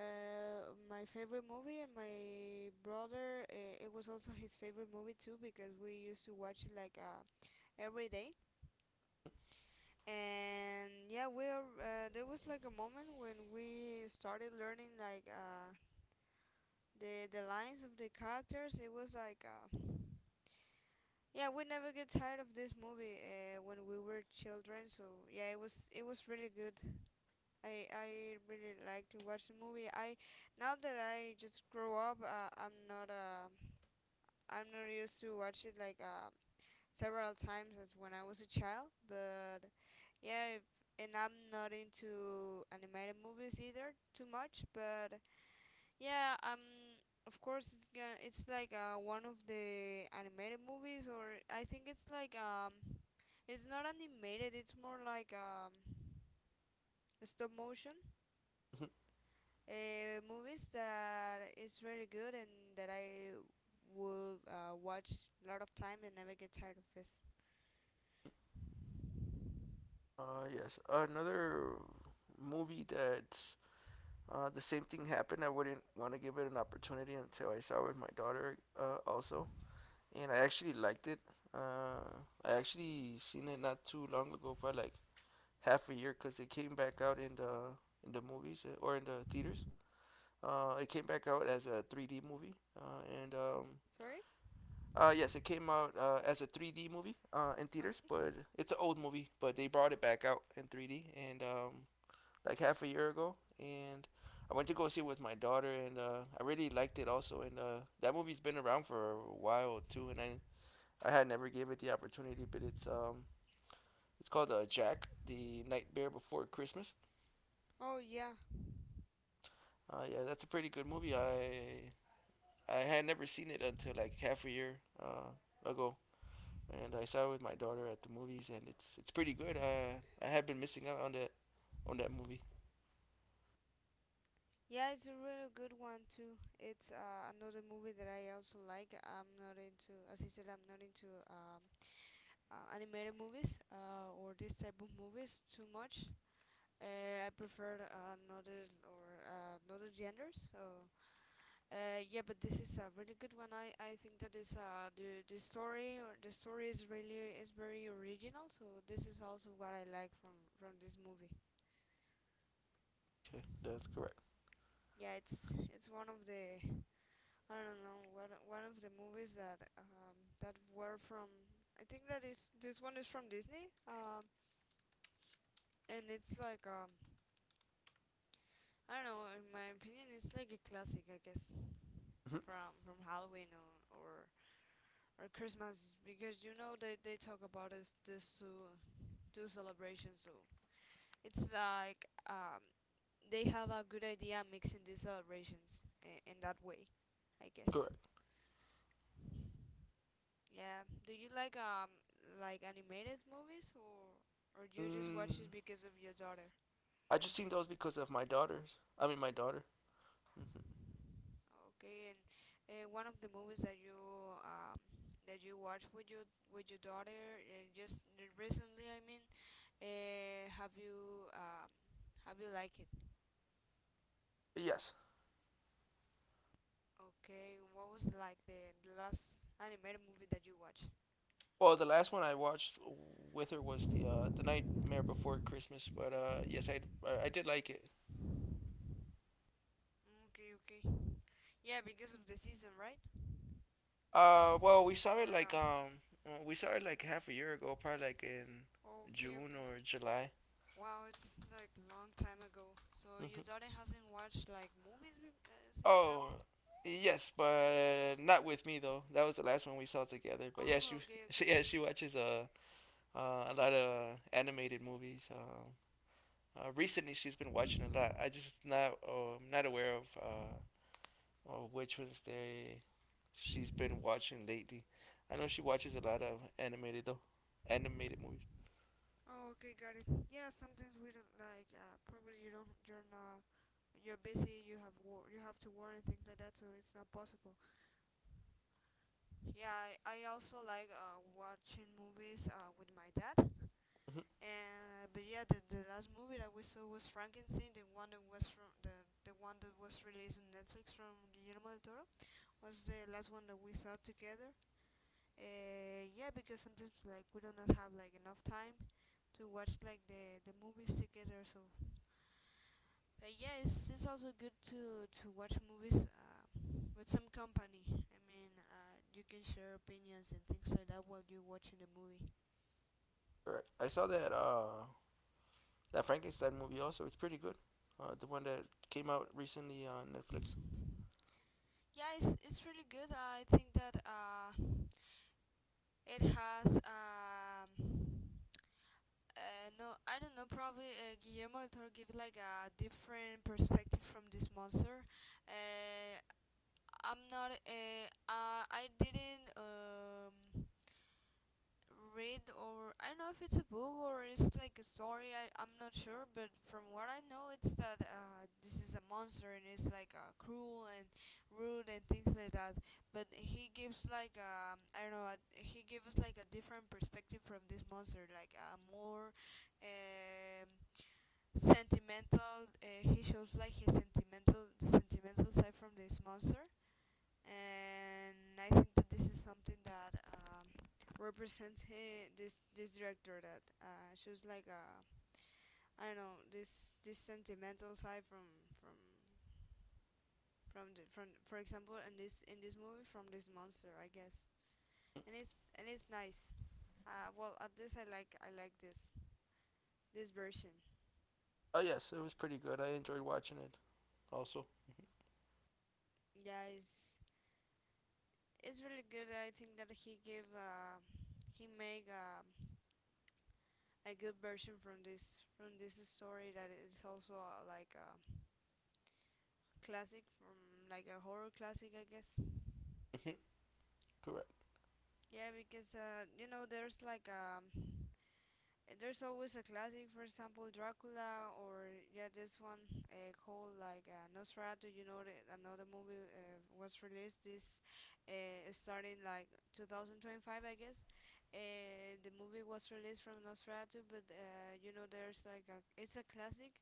[SPEAKER 1] uh, my favorite movie, and my brother, it was also his favorite movie too because we used to watch it like every day. And yeah, we're there was like a moment when we started learning like the lines of the characters. It was like yeah, we never get tired of this movie when we were children. So yeah, it was really good. I really like to watch the movie. I now that I just grow up, I'm not I'm not used to watch it like several times as when I was a child, but yeah, if, and I'm not into animated movies either too much, but yeah, of course it's like one of the animated movies, or I think it's like it's not animated, it's more like stop motion movies that is really good and that I will watch a lot of time and never get tired of this.
[SPEAKER 2] Yes, another movie that the same thing happened. I wouldn't want to give it an opportunity until I saw it with my daughter also, and I actually liked it. Uh, I actually seen it not too long ago, but like half a year, because it came back out in the movies or in the theaters. It came back out as a 3D movie, and
[SPEAKER 1] Sorry?
[SPEAKER 2] yes, it came out as a 3D movie in theaters,
[SPEAKER 1] Okay.
[SPEAKER 2] but it's an old movie. But they brought it back out in 3D, and
[SPEAKER 1] Oh,
[SPEAKER 2] like half a year ago, and I went to go see it with my daughter, and I really liked it also. And that movie's been around for a while too, and I had never gave it the opportunity, but it's called Jack the Nightmare Before Christmas.
[SPEAKER 1] oh yeah,
[SPEAKER 2] Yeah, that's a pretty good movie. I had never seen it until like half a year ago, and I saw it with my daughter at the movies, and it's pretty good. I had been missing out on that movie.
[SPEAKER 1] yeah. It's a really good one too. It's another movie that I also like. I'm not into, as I said, I'm not into animated movies or this type of movies too much. I prefer another or another genders. So yeah, but this is a really good one. I think that is the story or the story is really is very original. So this is also what I like from this movie.
[SPEAKER 2] Okay, that's correct.
[SPEAKER 1] Yeah, it's one of the I don't know one of the movies that that were from I think that is this one is from Disney, and it's like I don't know, in my opinion it's like a classic, I guess,
[SPEAKER 2] Mhm,
[SPEAKER 1] from Halloween or Christmas because you know they talk about this two celebrations. So it's like they have a good idea mixing these celebrations in that way, I guess.
[SPEAKER 2] correct.
[SPEAKER 1] Yeah. Do you like animated movies or do you just watch it
[SPEAKER 2] Mm,
[SPEAKER 1] because of your daughter?
[SPEAKER 2] I just seen those because of my daughter. Mhm.
[SPEAKER 1] Okay. And one of the movies um that you watch with your daughter just recently, I mean, uh, have you um have you liked it?
[SPEAKER 2] Yes.
[SPEAKER 1] Okay. What was like the last animated movie that you watched?
[SPEAKER 2] Well, the last one I watched with her was the Nightmare Before Christmas, but yes, I did like it.
[SPEAKER 1] Okay. Okay. Yeah, because of the season, right?
[SPEAKER 2] Well, we saw it
[SPEAKER 1] Or
[SPEAKER 2] like
[SPEAKER 1] not?
[SPEAKER 2] we saw it like half a year ago, probably like in
[SPEAKER 1] Okay.
[SPEAKER 2] June
[SPEAKER 1] Okay.
[SPEAKER 2] or July.
[SPEAKER 1] Wow, it's like long time ago. So your
[SPEAKER 2] Hmm.
[SPEAKER 1] daughter hasn't watched like movies since.
[SPEAKER 2] Oh, yes, but not with me though. That was the last one we saw together. But yeah, she
[SPEAKER 1] Oh, okay,
[SPEAKER 2] she
[SPEAKER 1] okay.
[SPEAKER 2] yeah she watches a lot of animated movies. Recently, she's been watching a lot. I just not oh, I'm not aware of which ones they she's been watching lately. I know she watches a lot of animated though, animated movies.
[SPEAKER 1] Oh, okay, got it. Yeah, sometimes we don't like. Probably you don't. You're not. You're busy. You have war. You have to work and things like that. So it's not possible. Yeah, I also like watching movies with my dad.
[SPEAKER 2] Mhm.
[SPEAKER 1] And but yeah, the last movie that we saw was Frankenstein, the one that was from the one that was released on Netflix from Guillermo del Toro was the last one that we saw together. Yeah, because sometimes like we do not have like enough time to watch like the movies together. So, but yeah, it's also good to watch movies with some company. I mean, you can share opinions and things like that while you're watching the movie.
[SPEAKER 2] Alright. I saw that that Frankenstein movie also. It's pretty good. The one that came out recently on Netflix.
[SPEAKER 1] Yeah, it's really good. I think that it has no, I don't know. Probably Guillermo del Toro give like a different perspective from this monster. Uh, I'm not I didn't read, or I don't know if it's a book or it's like a story. I'm not sure, but from what I know it's that this is a monster, and it's like cruel and rude and things like that. But he gives like I don't know, he gives like a different perspective from this monster, like a more um sentimental, he shows like his sentimental the sentimental side from this monster. And I think that this is something that represents him, this director that shows like a I don't know this sentimental side from from the, from for example in this movie from this monster, I guess.
[SPEAKER 2] Mm.
[SPEAKER 1] And it's nice. Well, at least I like this version.
[SPEAKER 2] Oh yes, it was pretty good. I enjoyed watching it also.
[SPEAKER 1] Yeah, it's really good. I think that he give he make a good version from this story that is also like a classic from like a horror classic, I guess.
[SPEAKER 2] Hmm. Correct.
[SPEAKER 1] Yeah, because you know there's like there's always a classic, for example Dracula, or yeah this one called like Nosferatu. You know, the, another movie was released this starting like 2025, I guess. Uh, the movie was released from Nosferatu. But you know, there's like a it's a classic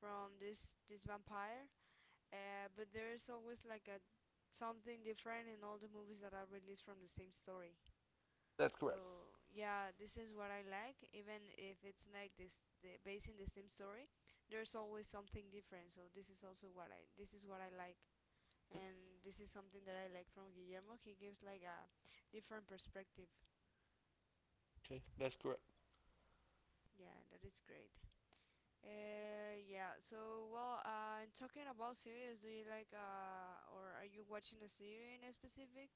[SPEAKER 1] from this vampire. But there's always like a something different in all the movies that are released from the same story.
[SPEAKER 2] That's correct.
[SPEAKER 1] So yeah, this is what I like. Even if it's like this, the, based in the same story, there's always something different. So this is also what I this is what I like, and this is something that I like from Guillermo. He gives like a different perspective.
[SPEAKER 2] Mm-hmm. Okay, that's correct.
[SPEAKER 1] Yeah, that is great. Yeah, so well, and talking about series, do you like or are you watching a series in a specific?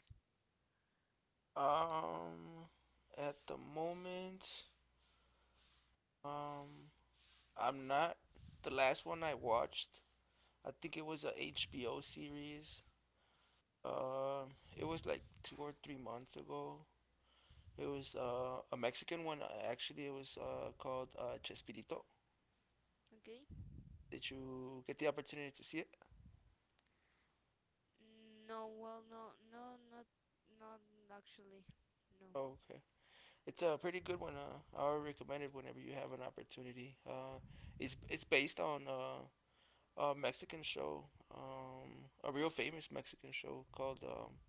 [SPEAKER 2] Um, at the moment, um, I'm not. The last one I watched, I think it was a HBO series. Uh, it was like 2 or 3 months ago. It was a Mexican one. Actually, it was called Chespirito.
[SPEAKER 1] Okay.
[SPEAKER 2] Did you get the opportunity to see it?
[SPEAKER 1] No, well, no, no, not, not actually, no.
[SPEAKER 2] Okay, it's a pretty good one. I would recommend it whenever you have an opportunity. It's based on a Mexican show, a real famous Mexican show called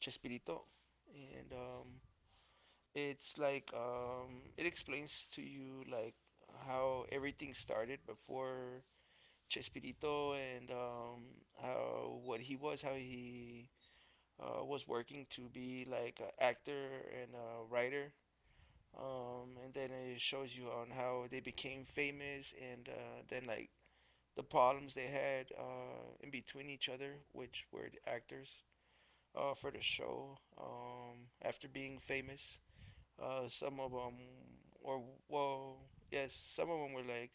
[SPEAKER 2] Chespirito, and it's like it explains to you like how everything started before Chespirito and how what he was, how he was working to be like an actor and a writer. And then it shows you on how they became famous and then like the problems they had in between each other, which were the actors for the show after being famous. Some of them, or well, yes, some of them were like,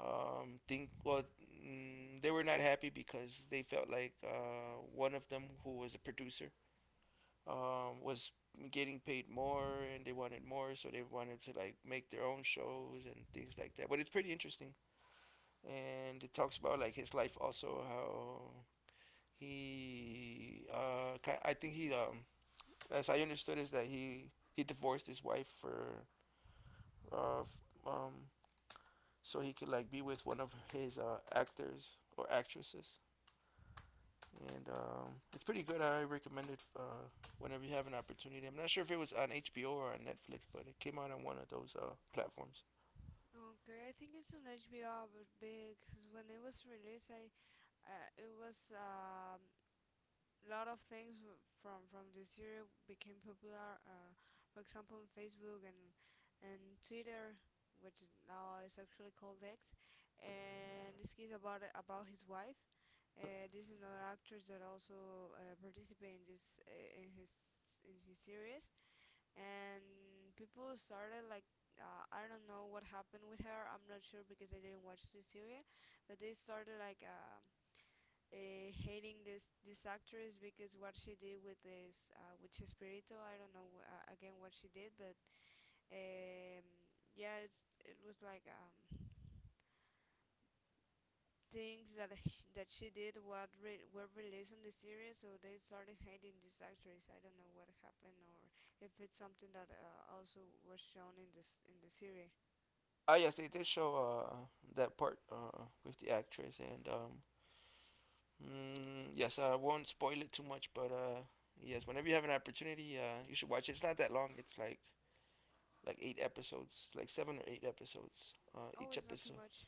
[SPEAKER 2] um, think well, they were not happy because they felt like one of them, who was a producer, was getting paid more and they wanted more, so they wanted to like make their own shows and things like that. But it's pretty interesting, and it talks about like his life also, how he, I think as I understood, is that he divorced his wife for uh, um, so he could like be with one of his actors or actresses, and it's pretty good. I recommend it whenever you have an opportunity. I'm not sure if it was on HBO or on Netflix, but it came out on one of those platforms.
[SPEAKER 1] Okay, I think it's on HBO, but because when it was released, I, it was lot of things w- from this year became popular. For example, on Facebook and Twitter, which now is actually called X. And this is about his wife. This is another actress that also participate in this in his series. And people started like I don't know what happened with her. I'm not sure because I didn't watch the series. But they started like. Hating this actress because what she did with this with Chespirito, I don't know again what she did, but um, yeah, it's, it was like things that sh that she did what re were released on the series, so they started hating this actress. I don't know what happened or if it's something that also was shown in this in the series.
[SPEAKER 2] Ah, yes, they did show uh, that part with the actress, and yes, I won't spoil it too much, but yes, whenever you have an opportunity, you should watch it. It's not that long. It's like eight episodes, like seven or eight episodes.
[SPEAKER 1] Oh,
[SPEAKER 2] Each
[SPEAKER 1] it's not too
[SPEAKER 2] episode,
[SPEAKER 1] much.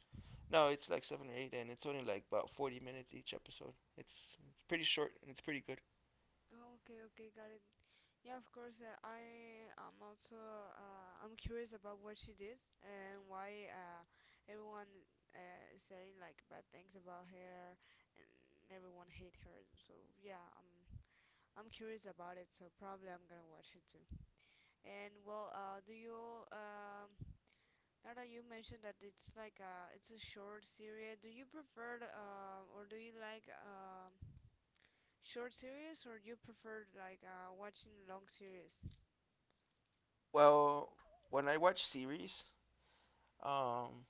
[SPEAKER 2] no, it's like seven or eight, and it's only like about 40 minutes each episode. It's pretty short and it's pretty good.
[SPEAKER 1] Oh, okay, okay, got it. Yeah, of course. I am also I'm curious about what she did and why everyone is saying like bad things about her and everyone hate her. So yeah, I'm curious about it. So probably I'm gonna watch it too. And well, do you now that you mentioned that it's like it's a short series, do you prefer or do you like um? Short series or you prefer like watching long series?
[SPEAKER 2] Well, when I watch series, um,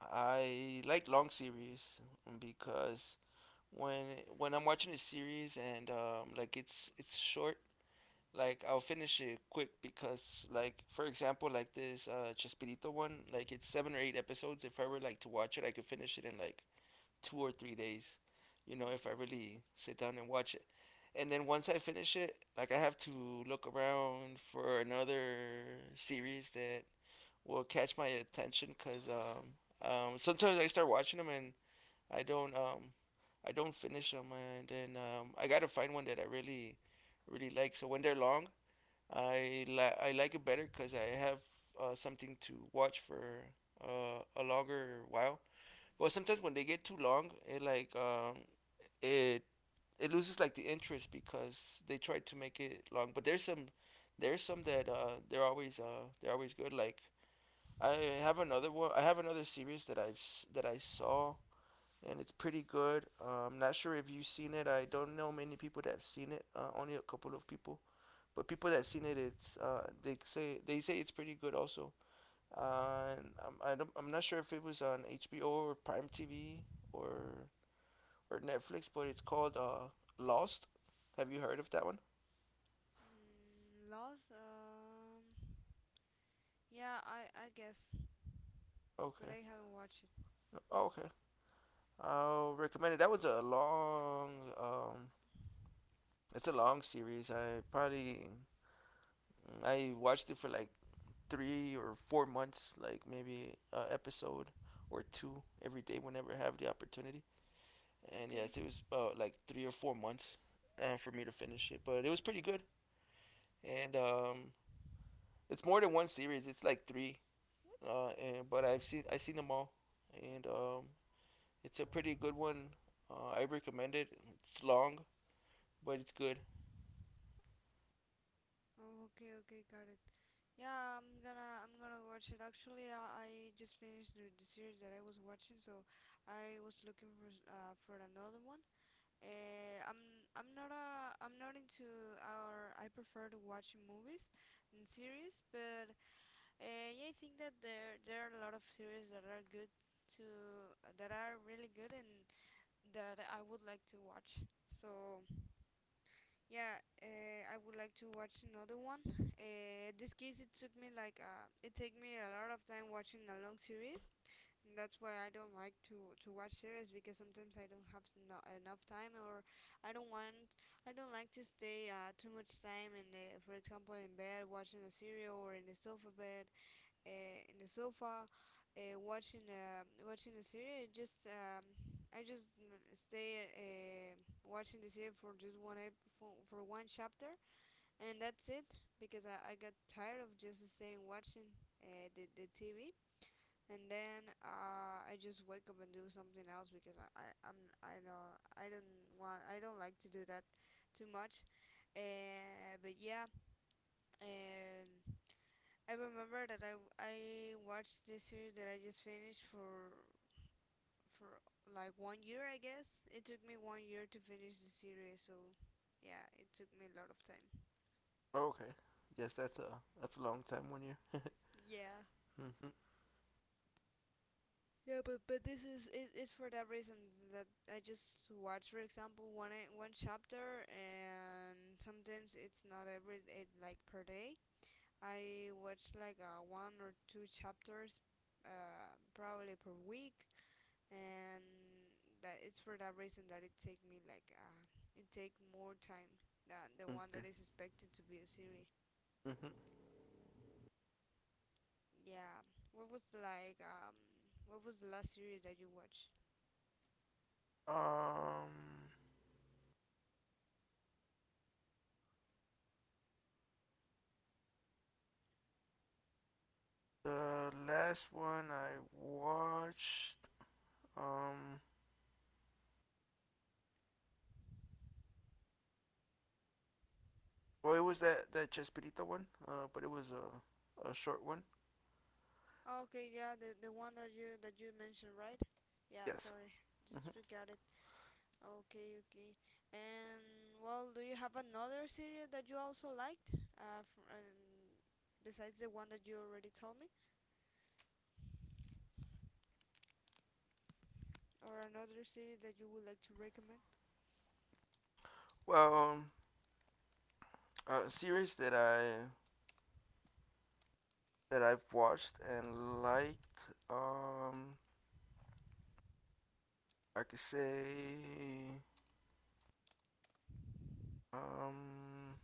[SPEAKER 2] I like long series because when when I'm watching a series and like it's short, like I'll finish it quick because like for example like this Chespirito one, like it's seven or eight episodes. If I were like to watch it, I could finish it in like 2 or 3 days, you know, if I
[SPEAKER 1] Okay.
[SPEAKER 2] really sit down and watch it. And then once I finish it, like I have to look around for another series that will catch my attention because sometimes I start watching them and I don't um, I don't finish them and then I gotta find one that I really really like. So when they're long, I like it better because I have something to watch for a longer while. But sometimes when they get too long, it like it it loses like the interest because they try to make it long. But there's some that they're always good. Like I have another one. I have another series that I saw and it's pretty good. I'm not sure if you've seen it. I don't know many people that have seen it. Only a couple of people. But people that seen it, it's uh, they say it's pretty good also. And I'm I don't, I'm not sure if it was on HBO or Prime TV or for Netflix, but it's called Lost. Have you heard of that one?
[SPEAKER 1] Mm, Lost? Yeah, I guess, but
[SPEAKER 2] Okay.
[SPEAKER 1] I haven't watched it.
[SPEAKER 2] Oh, okay. I'll recommend it. That was um, it's a long series. I watched it for like 3 or 4 months, like maybe a episode or two every day whenever I have the opportunity. And
[SPEAKER 1] Okay.
[SPEAKER 2] yes, it was about like 3 or 4 months for me to finish it, but it was pretty good. And it's more than one series. It's like three. And but I've seen I seen them all, and it's a pretty good one. I recommend it. It's long, but it's good.
[SPEAKER 1] Oh, okay, okay, got it. Yeah, I'm gonna watch it. Actually, I just finished the series that I was watching, so I was looking for s- for another one. Uh, I'm I'm not a I'm not into or I prefer to watch movies and series, but uh, yeah, I think that there are a lot of series that are good to that are really good and that I would like to watch. So yeah, I would like to watch another one. This case it took me like it take me a lot of time watching a long series. And that's why I don't like to watch series, because sometimes I don't have no, enough time, or I don't want I don't like to stay too much time in the, for example, in bed watching a serial, or in the sofa bed, in the sofa watching watching a series. I just stay watching the series for just one ep- for one chapter, and that's it, because I got tired of just staying watching the TV. And then I just wake up and do something else, because I I'm I don't want I don't like to do that too much. But yeah, and I remember that I watched this series that I just finished for for like one year, I guess. It took me one year to finish the series, so yeah, it took me a lot of time.
[SPEAKER 2] Oh, okay. Yes, that's a long time 1 year.
[SPEAKER 1] Yeah.
[SPEAKER 2] Mm-hmm.
[SPEAKER 1] Yeah, but this is it's for that reason that I just watch, for example, one chapter, and sometimes it's not every it, like per day. I watch like one or two chapters, probably per week, and that it's for that reason that it take me like it take more time than the one
[SPEAKER 2] Okay.
[SPEAKER 1] that is expected to be a series.
[SPEAKER 2] Mm-hmm.
[SPEAKER 1] Yeah. What was like what was the last series that you watched?
[SPEAKER 2] Um, the last one I watched, um, well, it was that Chespirito one, but it was a short one.
[SPEAKER 1] Oh, okay, yeah, the one that you mentioned, right? Yeah,
[SPEAKER 2] Yes.
[SPEAKER 1] sorry.
[SPEAKER 2] Mm-hmm.
[SPEAKER 1] Just forgot it. Okay, okay. And well, do you have another series that you also liked? Fr Besides the one that you already told me, or another series that you would like to recommend?
[SPEAKER 2] Well, a series that I've watched and liked. I could say, um,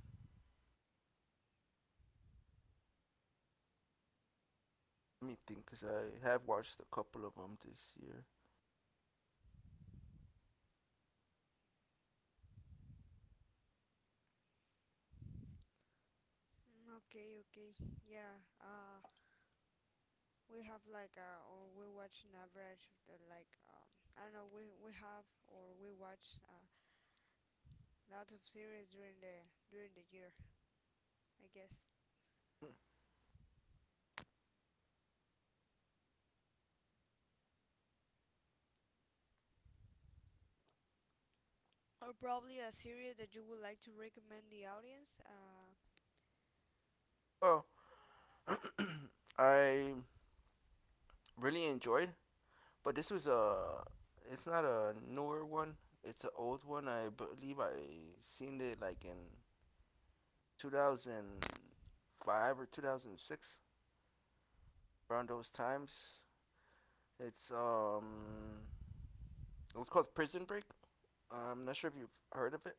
[SPEAKER 2] let me think, cause I have watched a couple of them this year.
[SPEAKER 1] Mm, okay, okay. Yeah, we have like or we watch an average of the like I don't know, we have or we watch lot of series during the year, I guess. Or probably a series that you would like to recommend the audience?
[SPEAKER 2] Oh, I really enjoyed, but this was a. It's not a newer one. It's an old one. I believe I seen it like in 2005 or 2006, around those times. It's um, it was called Prison Break. I'm not sure if you've heard of it.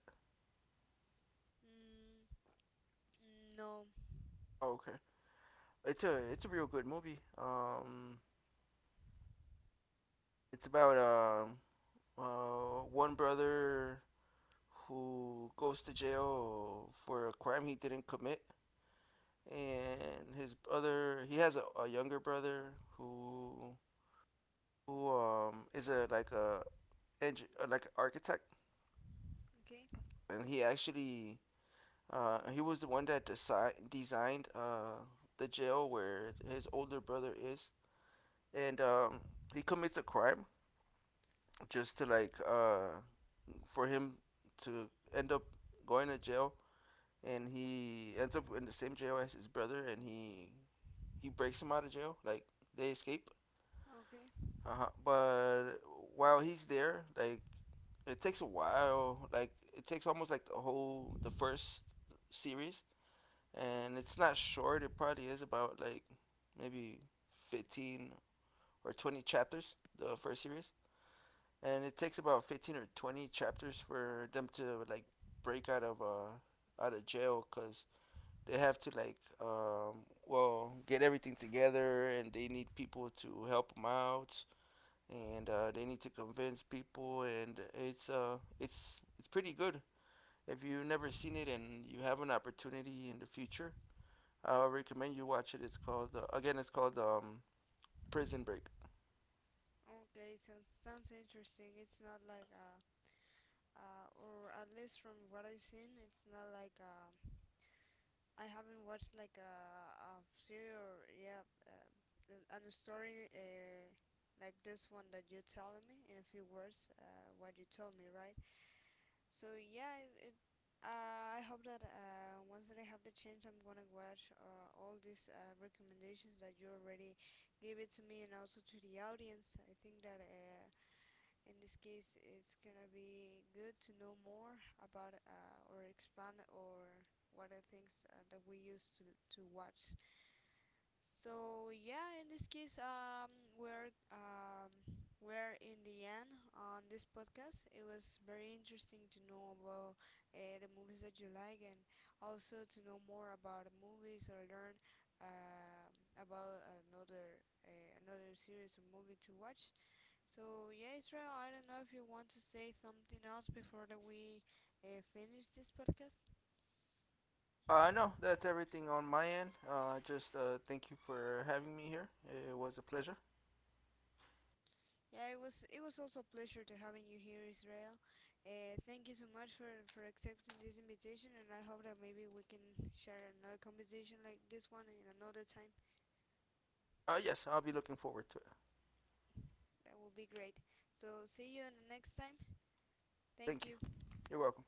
[SPEAKER 1] Mm, no.
[SPEAKER 2] Oh, okay. It's a real good movie. It's about one brother who goes to jail for a crime he didn't commit, and his other he has a younger brother who is a like an architect,
[SPEAKER 1] Okay.
[SPEAKER 2] and he actually he was the one that designed the jail where his older brother is, and he commits a crime just to for him to end up going to jail, and he ends up in the same jail as his brother, and he breaks him out of jail. Like they escape.
[SPEAKER 1] Okay.
[SPEAKER 2] Uh huh. But while he's there, like it takes a while. Like it takes almost like the whole the first series, and it's not short. It probably is about like maybe 15 or 20 chapters. The first series, and it takes about 15 or 20 chapters for them to like break out of jail because they have to get everything together and they need people to help them out and they need to convince people and it's pretty good if you've never seen it and you have an opportunity in the future. I recommend you watch it. It's called Prison Break.
[SPEAKER 1] Okay, sounds interesting. It's not like or at least from what I've seen, it's not like I haven't watched like a series, or yeah, and a story like this one that you telling me, in a few words, what you told me, right? So yeah, I hope that once that I have the chance, I'm gonna watch all these recommendations that you already gave it to me, and also to the audience. I think that in this case, it's gonna be good to know more about or expand, or what are things that we use to watch. So yeah, in this case, we're um, we're in the end on this podcast. It was very interesting to know about the movies that you like, and also to know more about movies, or learn um about another another series or movie to watch. So yeah, Israel, I don't know if you want to say something else before that we finish this podcast.
[SPEAKER 2] No, that's everything on my end. Just thank you for having me here. It was a pleasure.
[SPEAKER 1] Yeah, it was also a pleasure to having you here, Israel. Thank you so much for accepting this invitation, and I hope that maybe we can share another conversation like this one in another time.
[SPEAKER 2] Yes, I'll be looking forward to it.
[SPEAKER 1] That would be great. So see you in the next time. Thank
[SPEAKER 2] Thank you.
[SPEAKER 1] you.
[SPEAKER 2] You're welcome.